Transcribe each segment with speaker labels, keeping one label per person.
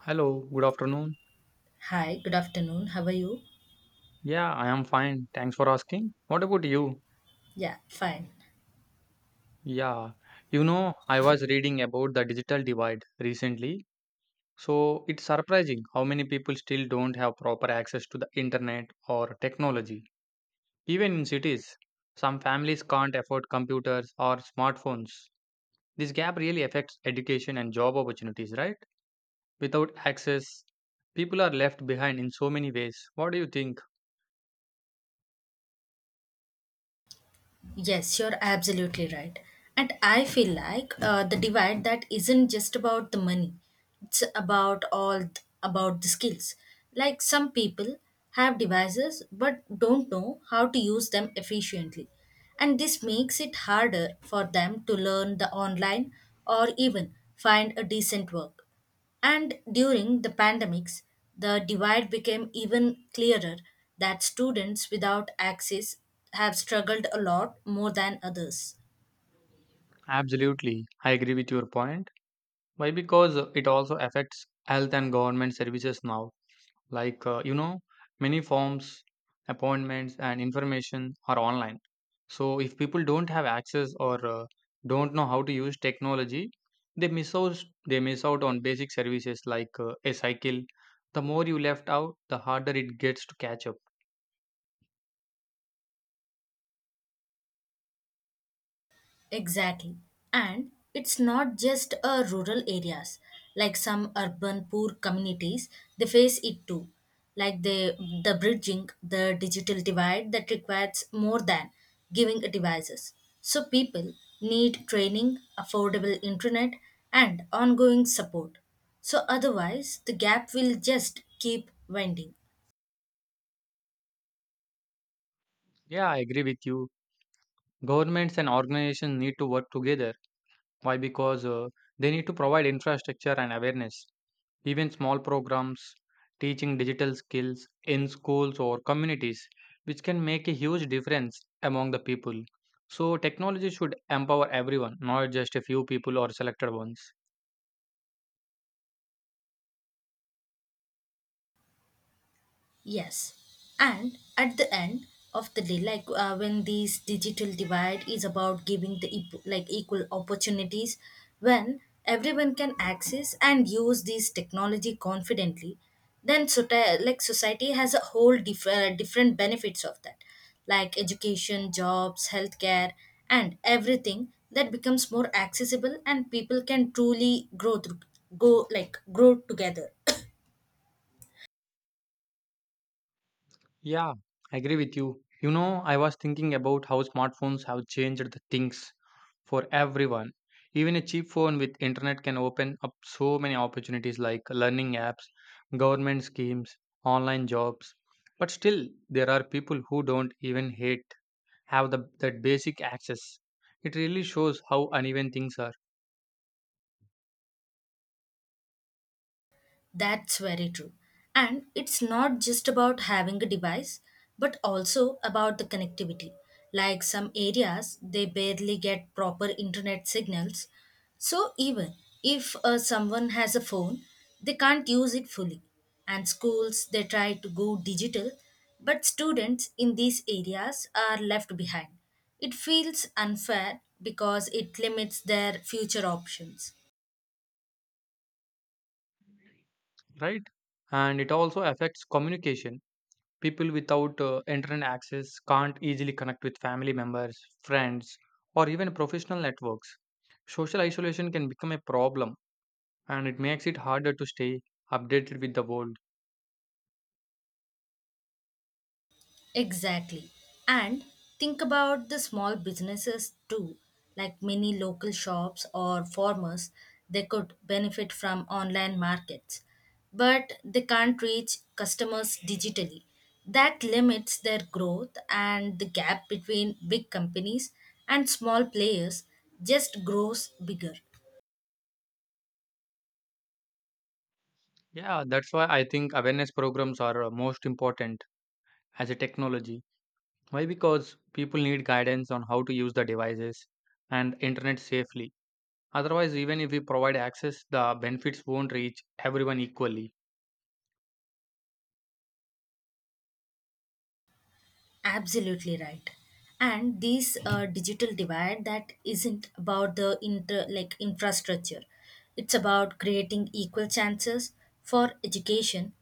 Speaker 1: Hello, good afternoon.
Speaker 2: Hi, good afternoon. How are you?
Speaker 1: Yeah, I am fine. Thanks for asking. What about you?
Speaker 2: Yeah, fine.
Speaker 1: Yeah, I was reading about the digital divide recently. So it's surprising how many people still don't have proper access to the internet or technology. Even in cities, some families can't afford computers or smartphones. This gap really affects education and job opportunities, right? Without access, people are left behind in so many ways. What do you think?
Speaker 2: Yes, you're absolutely right. And I feel like the divide that isn't just about the money, it's about about the skills. Like some people have devices but don't know how to use them efficiently. And this makes it harder for them to learn the online or even find a decent work. And during the pandemics, the divide became even clearer that students without access have struggled a lot more than others.
Speaker 1: Absolutely. I agree with your point. Why? Because it also affects health and government services now. Like, many forms, appointments, and information are online. So, if people don't have access or don't know how to use technology, they miss out on basic services like a cycle. The more you left out, the harder it gets to catch up.
Speaker 2: Exactly. And it's not just rural areas. Like some urban poor communities, they face it too. Like the bridging, the digital divide that requires more than giving devices. So people need training, affordable internet, and ongoing support. So otherwise, the gap will just keep widening.
Speaker 1: Yeah, I agree with you. Governments and organizations need to work together. Why? Because they need to provide infrastructure and awareness. Even small programs teaching digital skills in schools or communities, which can make a huge difference among the people. So, technology should empower everyone, not just a few people or selected ones.
Speaker 2: Yes. And at the end of the day, like when this digital divide is about giving like equal opportunities, when everyone can access and use this technology confidently, then like society has a whole different benefits of that, like education, jobs, healthcare, and everything that becomes more accessible and people can truly grow through, go like grow together.
Speaker 1: Yeah, I agree with you. You know, I was thinking about how smartphones have changed the things for everyone. Even a cheap phone with internet can open up so many opportunities like learning apps, government schemes, online jobs. But still, there are people who don't even hate have the that basic access. It really shows how uneven things are,
Speaker 2: That's very true. And it's not just about having a device, but also about the connectivity. Like some areas, they barely get proper internet signals. So even if someone has a phone, they can't use it fully. And schools, they try to go digital, but students in these areas are left behind. It feels unfair because it limits their future options.
Speaker 1: right? And it also affects communication. People without internet access can't easily connect with family members, friends, or even professional networks. Social isolation can become a problem and it makes it harder to stay updated with the world.
Speaker 2: Exactly. And think about the small businesses too, like many local shops or farmers, they could benefit from online markets, but they can't reach customers digitally. That limits their growth, and the gap between big companies and small players just grows bigger.
Speaker 1: Yeah, that's why I think awareness programs are most important as a technology. Why? Because people need guidance on how to use the devices and internet safely. Otherwise, even if we provide access, the benefits won't reach everyone equally.
Speaker 2: Absolutely right. And this digital divide that isn't about the inter like infrastructure. It's about creating equal chances for education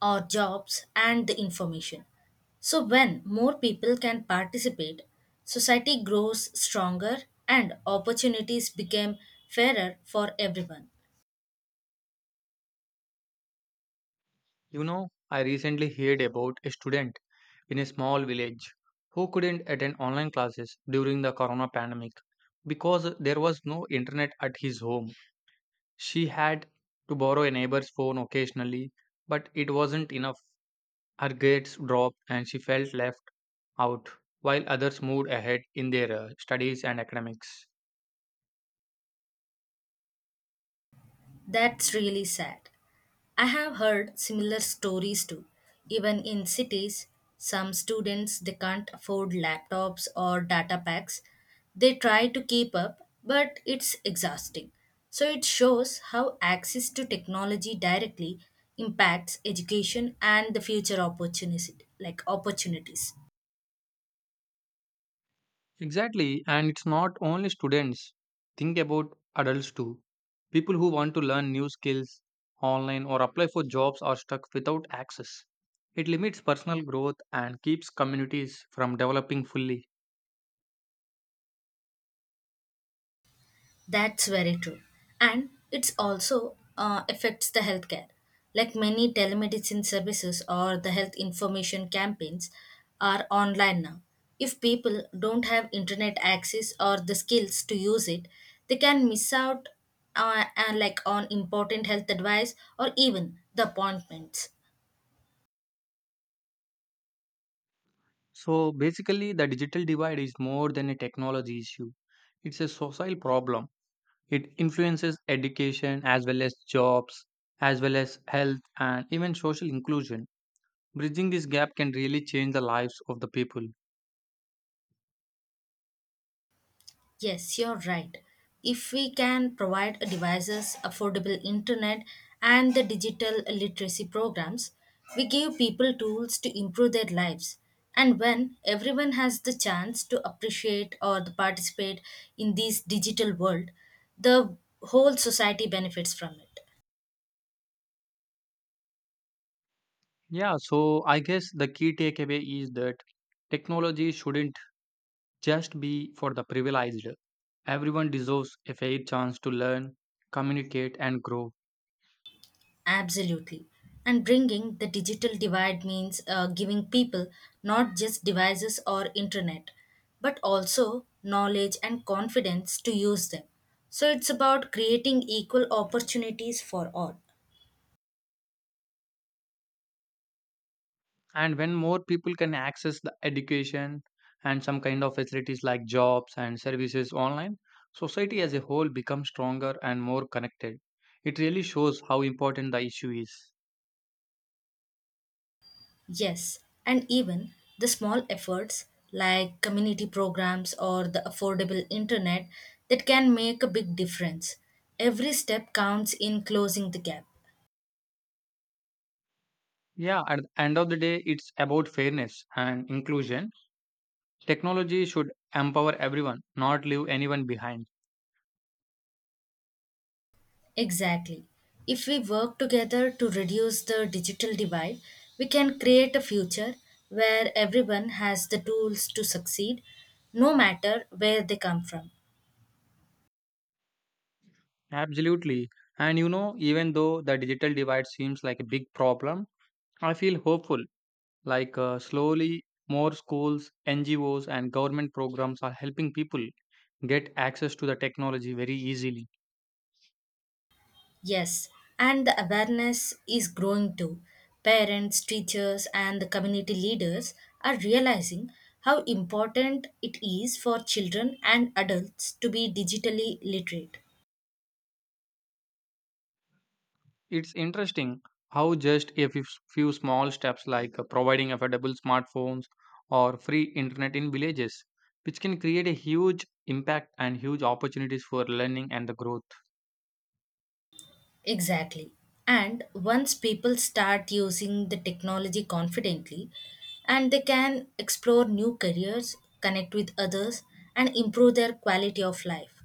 Speaker 2: or jobs and the information. So when more people can participate, society grows stronger and opportunities become fairer for everyone.
Speaker 1: You know, I recently heard about a student in a small village who couldn't attend online classes during the corona pandemic because there was no internet at his home. She had to borrow a neighbor's phone occasionally, but it wasn't enough. Her grades dropped and she felt left out while others moved ahead in their studies and academics.
Speaker 2: That's really sad. I have heard similar stories too. Even in cities, some students they can't afford laptops or data packs. They try to keep up, but it's exhausting. So it shows how access to technology directly impacts education and the future opportunity like opportunities.
Speaker 1: Exactly, and it's not only students. Think about adults too. People who want to learn new skills online or apply for jobs are stuck without access. It limits personal growth and keeps communities from developing fully.
Speaker 2: That's very true. And it's also affects the healthcare. Like many telemedicine services or the health information campaigns are online now. If people don't have internet access or the skills to use it, they can miss out like on important health advice or even the appointments.
Speaker 1: So basically, the digital divide is more than a technology issue, it's a social problem. It influences education as well as jobs, as well as health and even social inclusion. Bridging this gap can really change the lives of the people.
Speaker 2: Yes, you're right. If we can provide devices, affordable internet, and the digital literacy programs, we give people tools to improve their lives. And when everyone has the chance to appreciate or to participate in this digital world, the whole society benefits from it.
Speaker 1: Yeah, so I guess the key takeaway is that technology shouldn't just be for the privileged. Everyone deserves a fair chance to learn, communicate, and grow.
Speaker 2: Absolutely. And bringing the digital divide means giving people not just devices or internet, but also knowledge and confidence to use them. So it's about creating equal opportunities for all.
Speaker 1: And when more people can access the education and some kind of facilities like jobs and services online, society as a whole becomes stronger and more connected. It really shows how important the issue is.
Speaker 2: Yes, and even the small efforts like community programs or the affordable internet that can make a big difference. Every step counts in closing the gap.
Speaker 1: Yeah, at the end of the day, it's about fairness and inclusion. Technology should empower everyone, not leave anyone behind.
Speaker 2: Exactly. If we work together to reduce the digital divide, we can create a future where everyone has the tools to succeed, no matter where they come from.
Speaker 1: Absolutely. And you know, even though the digital divide seems like a big problem, I feel hopeful. Slowly, more schools, NGOs, and government programs are helping people get access to the technology very easily.
Speaker 2: Yes, and the awareness is growing too. Parents, teachers, and the community leaders are realizing how important it is for children and adults to be digitally literate.
Speaker 1: It's interesting how just a few small steps, like providing affordable smartphones or free internet in villages, which can create a huge impact and huge opportunities for learning and the growth.
Speaker 2: Exactly. And once people start using the technology confidently, and they can explore new careers, connect with others, and improve their quality of life.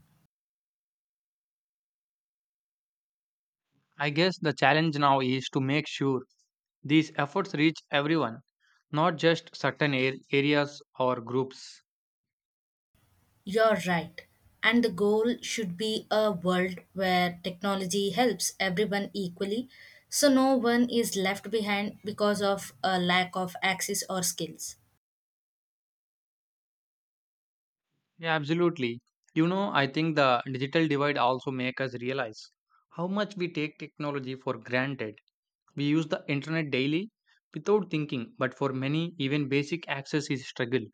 Speaker 1: I guess the challenge now is to make sure these efforts reach everyone, not just areas or groups.
Speaker 2: You're right. And the goal should be a world where technology helps everyone equally, so no one is left behind because of a lack of access or skills.
Speaker 1: Yeah, absolutely. I think the digital divide also make us realize how much we take technology for granted. We use the internet daily without thinking, but for many, even basic access is struggle.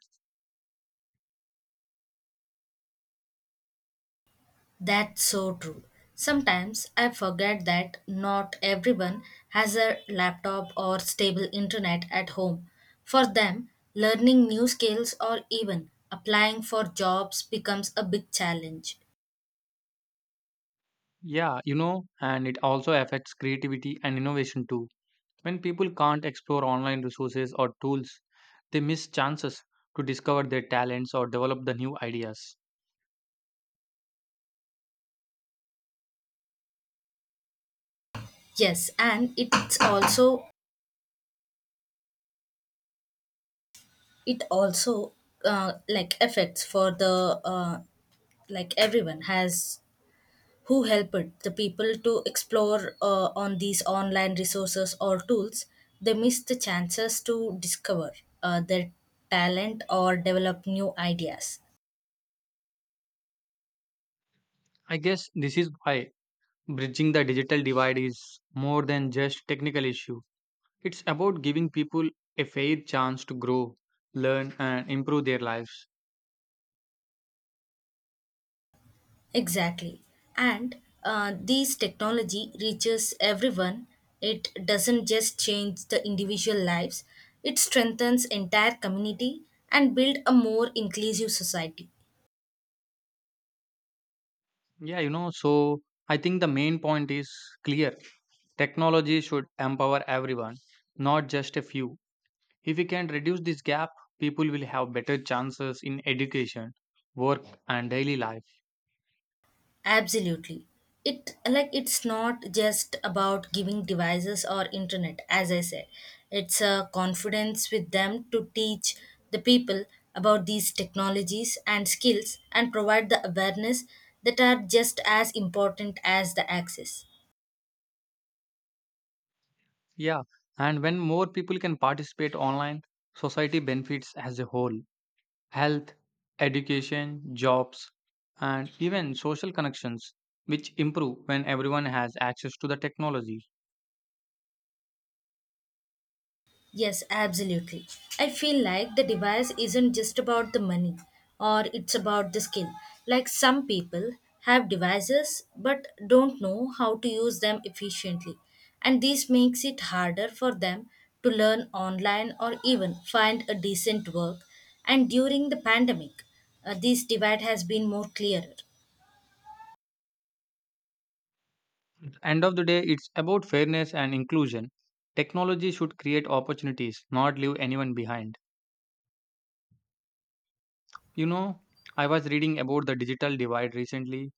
Speaker 2: That's so true. Sometimes I forget that not everyone has a laptop or stable internet at home. For them, learning new skills or even applying for jobs becomes a big challenge.
Speaker 1: And it also affects creativity and innovation too. When people can't explore online resources or tools, they miss chances to discover their talents or develop the new ideas.
Speaker 2: Yes, and it also like affects for the like everyone has who helped the people to explore on these online resources or tools, they miss the chances to discover their talent or develop new ideas.
Speaker 1: I guess this is why bridging the digital divide is more than just technical issue. It's about giving people a fair chance to grow, learn and improve their lives.
Speaker 2: Exactly. And these technology reaches everyone. It doesn't just change the individual lives, it strengthens entire community and build a more inclusive society.
Speaker 1: So I think the main point is clear. Technology should empower everyone, not just a few. If we can reduce this gap, people will have better chances in education, work, and daily life.
Speaker 2: Absolutely. It's not just about giving devices or internet, as I said. It's a confidence with them to teach the people about these technologies and skills and provide the awareness that are just as important as the access.
Speaker 1: Yeah, and when more people can participate online, society benefits as a whole: health, education, jobs, and even social connections, which improve when everyone has access to the technology.
Speaker 2: Yes, absolutely. I feel like the device isn't just about the money or it's about the skill. Like some people have devices but don't know how to use them efficiently. And this makes it harder for them to learn online or even find a decent work. And during the pandemic, this divide has been more clearer.
Speaker 1: End of the day, it's about fairness and inclusion. Technology should create opportunities, not leave anyone behind. You know, I was reading about the digital divide recently.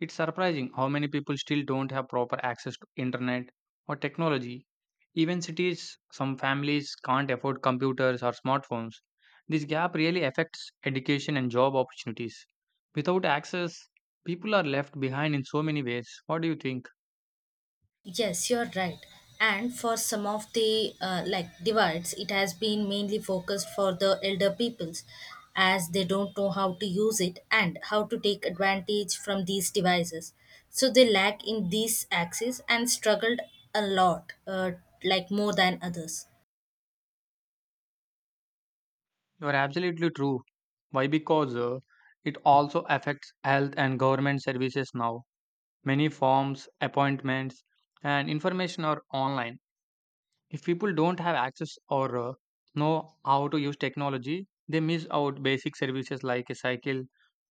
Speaker 1: It's surprising how many people still don't have proper access to internet or technology. Even cities, some families can't afford computers or smartphones. This gap really affects education and job opportunities. Without access, people are left behind in so many ways. What do you think?
Speaker 2: Yes, you're right. And for some of the like divides, it has been mainly focused for the elder peoples as they don't know how to use it and how to take advantage from these devices. So they lack in these axes and struggled a lot, like more than others.
Speaker 1: You are absolutely true. Why? Because it also affects health and government services now. Many forms, appointments, and information are online. If people don't have access or know how to use technology, they miss out basic services like a cycle.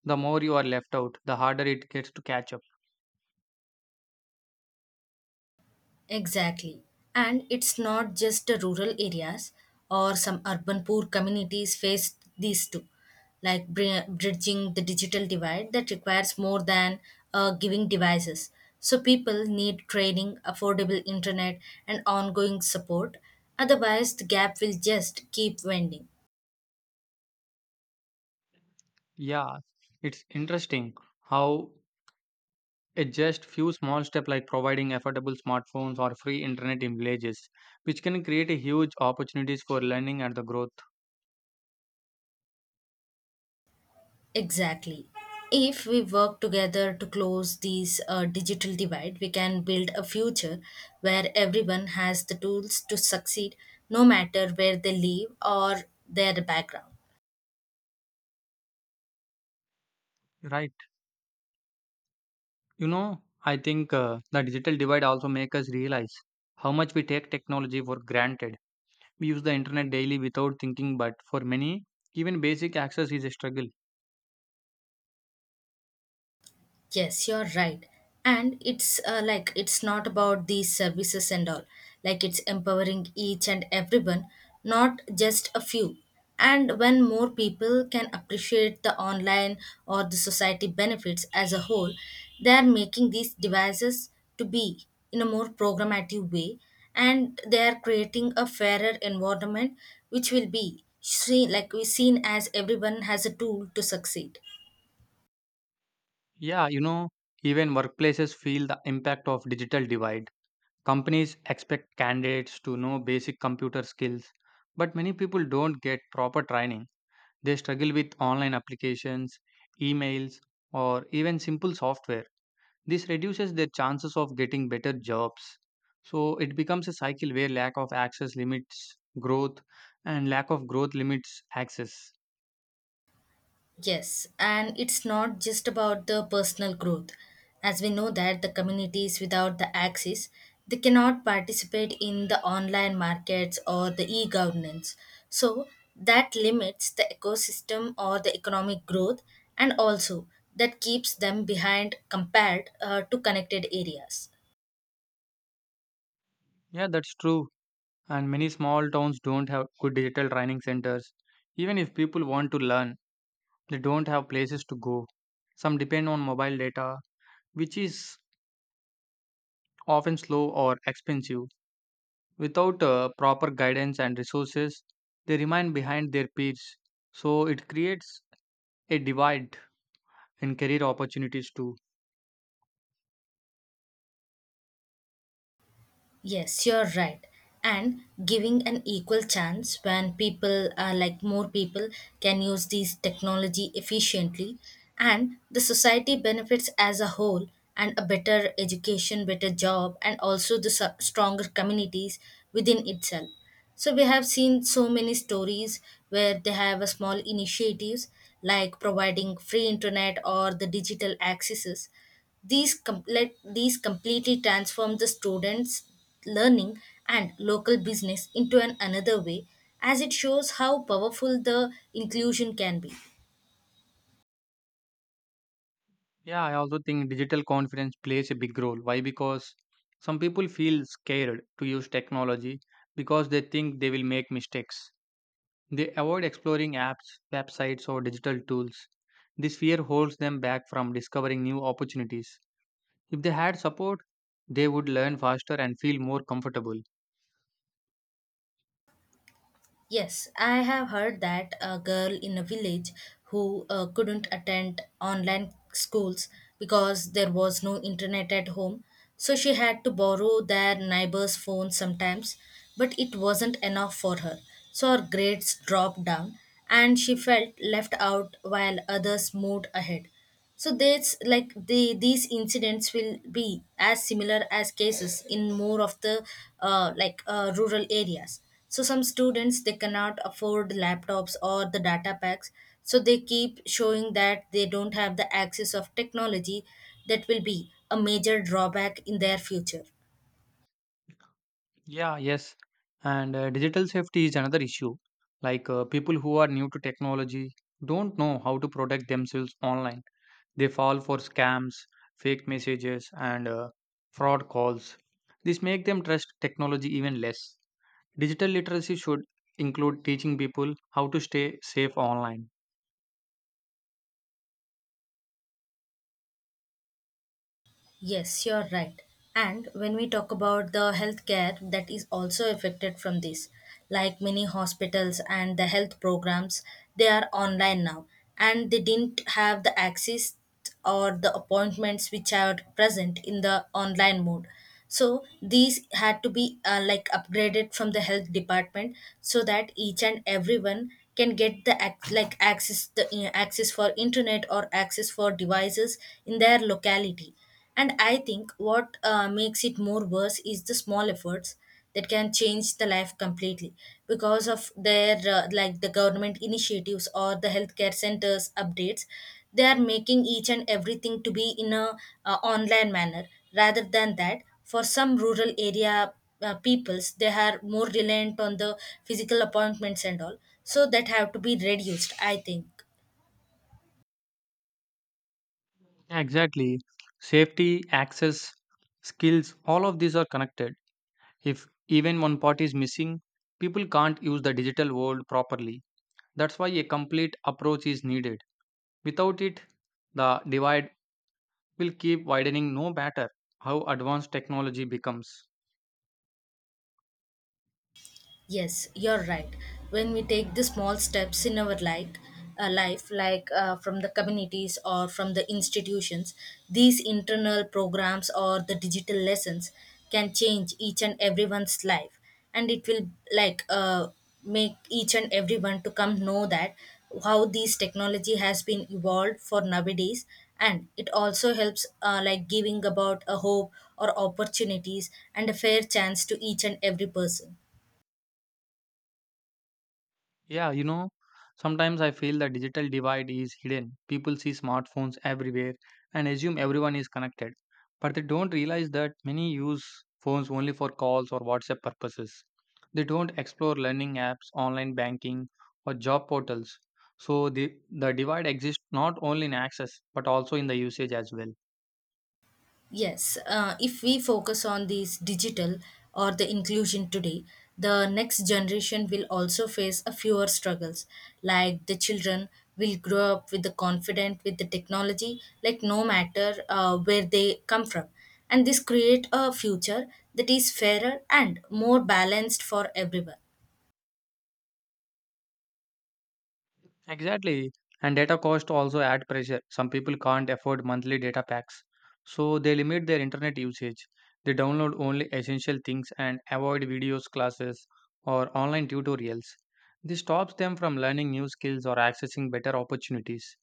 Speaker 1: The more you are left out, the harder it gets to catch up.
Speaker 2: Exactly. And it's not just the rural areas or some urban poor communities face these too, like bridging the digital divide that requires more than giving devices. So people need training, affordable internet, and ongoing support. Otherwise, the gap will just keep widening.
Speaker 1: Yeah, it's interesting how a just few small steps like providing affordable smartphones or free internet in villages, which can create a huge opportunities for learning and the growth.
Speaker 2: Exactly. If we work together to close these digital divide, we can build a future where everyone has the tools to succeed, no matter where they live or their background.
Speaker 1: Right. I think the digital divide also make us realize how much we take technology for granted. We use the internet daily without thinking, but for many, even basic access is a struggle.
Speaker 2: Yes, you're right. And it's like it's not about these services and all. Like it's empowering each and everyone, not just a few. And when more people can appreciate the online or the society benefits as a whole, they are making these devices to be in a more programmative way and they are creating a fairer environment which will be seen like we seen as everyone has a tool to succeed.
Speaker 1: Yeah, you know, even workplaces feel the impact of digital divide. Companies expect candidates to know basic computer skills, but many people don't get proper training. They struggle with online applications, emails, or even simple software. This reduces their chances of getting better jobs. So it becomes a cycle where lack of access limits growth and lack of growth limits access.
Speaker 2: Yes, and it's not just about the personal growth. As we know that the communities without the access, they cannot participate in the online markets or the e-governance. So that limits the ecosystem or the economic growth and also that keeps them behind compared to connected areas.
Speaker 1: Yeah, that's true. And many small towns don't have good digital training centers. Even if people want to learn, they don't have places to go. Some depend on mobile data, which is often slow or expensive. Without proper guidance and resources, they remain behind their peers. So it creates a divide in career opportunities too.
Speaker 2: Yes, you're right. And giving an equal chance when people are more people can use these technology efficiently and the society benefits as a whole and a better education, better job and also stronger communities within itself. So we have seen so many stories where they have a small initiatives like providing free internet or the digital accesses. These, com let these completely transform the students' learning and local business into an another way as it shows how powerful the inclusion can be.
Speaker 1: Yeah, I also think digital confidence plays a big role. Why? Because some people feel scared to use technology because they think they will make mistakes. They avoid exploring apps, websites, or digital tools. This fear holds them back from discovering new opportunities. If they had support, they would learn faster and feel more comfortable.
Speaker 2: Yes, I have heard that a girl in a village who couldn't attend online schools because there was no internet at home, so she had to borrow their neighbor's phone sometimes, but it wasn't enough for her. So her grades dropped down and she felt left out while others moved ahead. So that's like these incidents will be as similar as cases in more of the rural areas. So some students they cannot afford laptops or the data packs, so they keep showing that they don't have the access of technology that will be a major drawback in their future.
Speaker 1: Yeah, yes. And digital safety is another issue. Like, people who are new to technology don't know how to protect themselves online. They fall for scams, fake messages, and fraud calls. This make them trust technology even less. Digital literacy should include teaching people how to stay safe online.
Speaker 2: Yes, you're right. And when we talk about the healthcare that is also affected from this, like many hospitals and the health programs, they are online now and they didn't have the access or the appointments which are present in the online mode so these had to be like upgraded from the health department so that each and everyone can get like access the access for internet or access for devices in their locality. And I think what makes it more worse is the small efforts that can change the life completely because of their like the government initiatives or the healthcare centers updates. They are making each and everything to be in a online manner rather than that for some rural area peoples. They are more reliant on the physical appointments and all, so that have to be reduced, I think.
Speaker 1: Exactly. Safety, access, skills, all of these are connected. If even one part is missing, people can't use the digital world properly. That's why a complete approach is needed. Without it, the divide will keep widening no matter how advanced technology becomes.
Speaker 2: Yes, you're right. When we take the small steps in our life, from the communities or from the institutions, these internal programs or the digital lessons can change each and everyone's life, and it will like uh, make each and everyone to come know that how this technology has been evolved for nowadays and it also helps like giving about a hope or opportunities and a fair chance to each and every person.
Speaker 1: Yeah, you know, sometimes I feel the digital divide is hidden. People see smartphones everywhere and assume everyone is connected, but they don't realize that many use phones only for calls or WhatsApp purposes. They don't explore learning apps, online banking, or job portals. So the divide exists not only in access but also in the usage as well.
Speaker 2: Yes, if we focus on these digital or the inclusion today, the next generation will also face a fewer struggles. Like the children will grow up with the confident with the technology, like no matter where they come from, and this create a future that is fairer and more balanced for everyone.
Speaker 1: Exactly. And data cost also add pressure. Some people can't afford monthly data packs, so they limit their internet usage. They download only essential things and avoid videos, classes, or online tutorials. This stops them from learning new skills or accessing better opportunities.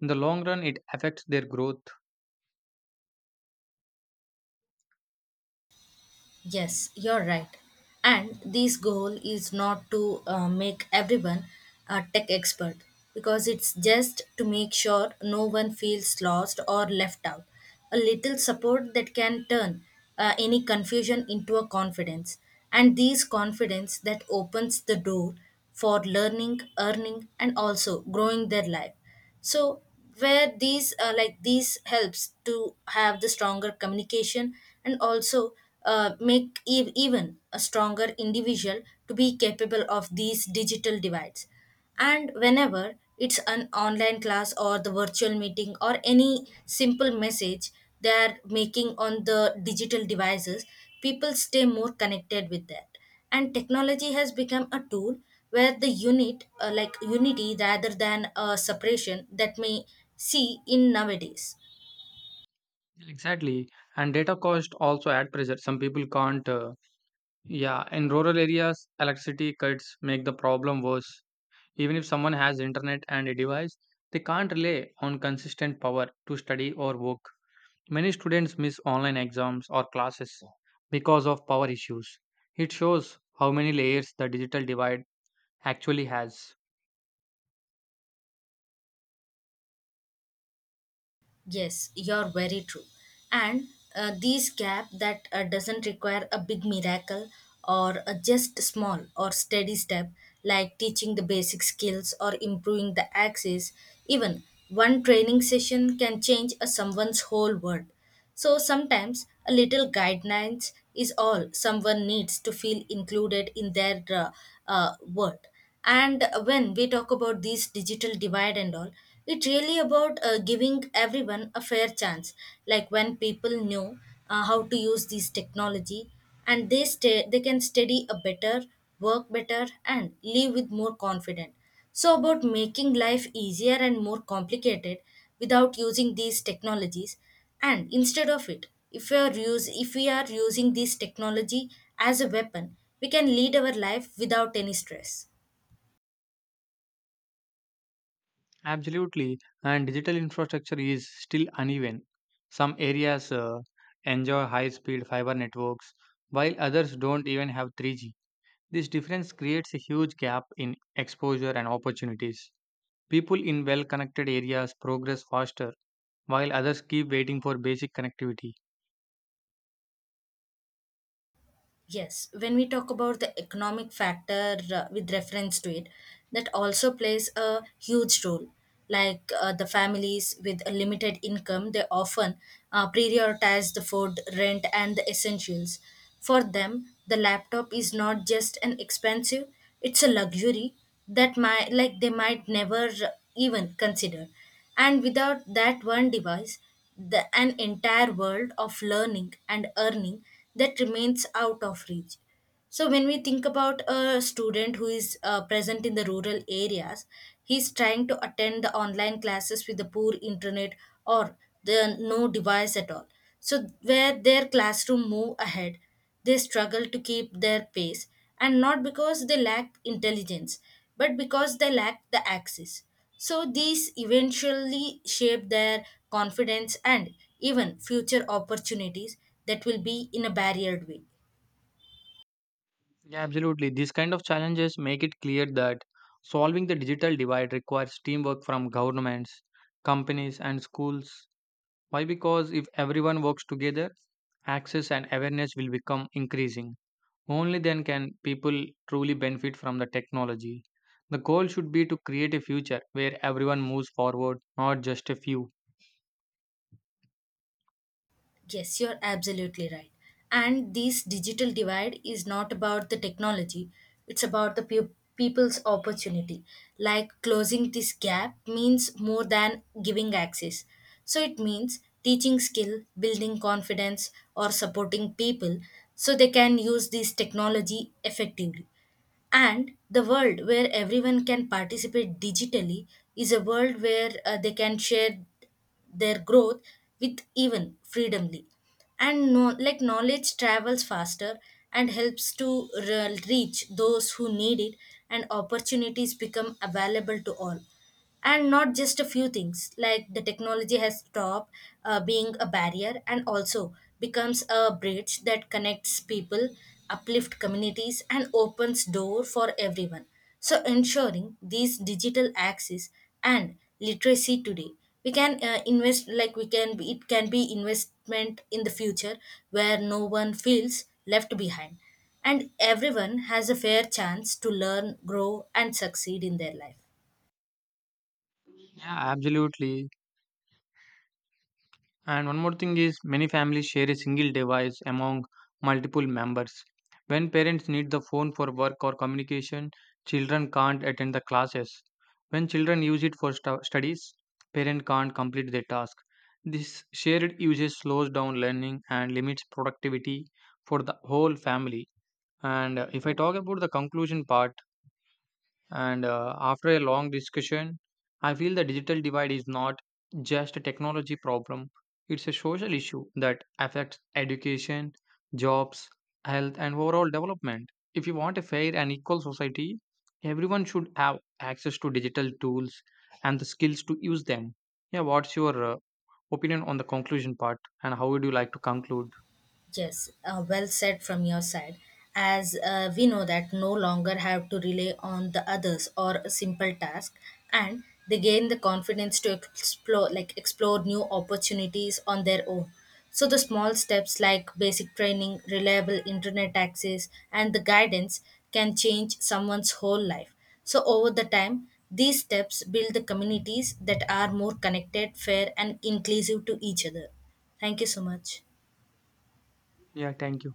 Speaker 1: In the long run, it affects their growth.
Speaker 2: Yes, you're right. And this goal is not to make everyone a tech expert because it's just to make sure no one feels lost or left out. A little support that can turn any confusion into a confidence. And this confidence that opens the door for learning, earning, and also growing their life, so where these helps to have the stronger communication and also make even a stronger individual to be capable of these digital divides. And whenever it's an online class or the virtual meeting or any simple message they are making on the digital devices, people stay more connected with that, and technology has become a tool where the unity rather than a separation that may see in nowadays.
Speaker 1: Exactly. And data cost also add pressure. Some people can't. Yeah, in rural areas, electricity cuts make the problem worse. Even if someone has internet and a device, they can't rely on consistent power to study or work. Many students miss online exams or classes because of power issues. It shows how many layers the digital divide actually has.
Speaker 2: Yes, you're very true. And these gap that doesn't require a big miracle or a just small or steady step, like teaching the basic skills or improving the access. Even one training session can change a someone's whole world. So sometimes a little guidance is all someone needs to feel included in their world. And when we talk about this digital divide and all, it's really about giving everyone a fair chance. Like when people know how to use this technology, and they can study a better, work better and live with more confidence, so about making life easier and more complicated without using these technologies. And instead of it, if we are using this technology as a weapon, we can lead our life without any stress.
Speaker 1: Absolutely, and digital infrastructure is still uneven. Some areas enjoy high speed fiber networks, while others don't even have 3G. This difference creates a huge gap in exposure and opportunities. People in well connected areas progress faster, while others keep waiting for basic connectivity.
Speaker 2: Yes, when we talk about the economic factor with reference to it, that also plays a huge role. Like the families with a limited income, they often prioritize the food, rent, and the essentials. For them, the laptop is not just an expensive, it's a luxury that might like they might never even consider. And without that one device, an entire world of learning and earning that remains out of reach. So when we think about a student who is present in the rural areas, he's trying to attend the online classes with the poor internet or the no device at all. So where their classroom move ahead, they struggle to keep their pace, and not because they lack intelligence, but because they lack the axis. So these eventually shape their confidence and even future opportunities that will be in a barriered way.
Speaker 1: Yeah, absolutely. These kind of challenges make it clear that solving the digital divide requires teamwork from governments, companies, and schools. Why? Because if everyone works together, access and awareness will become increasing. Only then can people truly benefit from the technology. The goal should be to create a future where everyone moves forward, not just a few.
Speaker 2: Yes, you're absolutely right. And this digital divide is not about the technology, it's about the people's opportunity. Like closing this gap means more than giving access. So it means teaching skill, building confidence, or supporting people so they can use this technology effectively. And the world where everyone can participate digitally is a world where they can share their growth with even freedomly. And no, like knowledge travels faster and helps to reach those who need it, and opportunities become available to all and not just a few things, like the technology has stopped being a barrier and also becomes a bridge that connects people, uplift communities and opens door for everyone. So ensuring these digital access and literacy today, we can invest like we can be, it can be investment in the future where no one feels left behind and everyone has a fair chance to learn, grow and succeed in their life.
Speaker 1: Yeah, absolutely. And one more thing is many families share a single device among multiple members. When parents need the phone for work or communication, children can't attend the classes. When children use it for studies, parent can't complete their task. This shared usage slows down learning and limits productivity for the whole family. And if I talk about the conclusion part, and after a long discussion, I feel the digital divide is not just a technology problem, it's a social issue that affects education, jobs, health, and overall development. If you want a fair and equal society, everyone should have access to digital tools and the skills to use them. Yeah, what's your opinion on the conclusion part, and how would you like to conclude?
Speaker 2: Yes, well said from your side. As we know that no longer have to rely on the others or a simple task, and they gain the confidence to explore, new opportunities on their own. So the small steps like basic training, reliable internet access, and the guidance can change someone's whole life. So over the time, these steps build the communities that are more connected, fair, and inclusive to each other. Thank you so much.
Speaker 1: Yeah, thank you.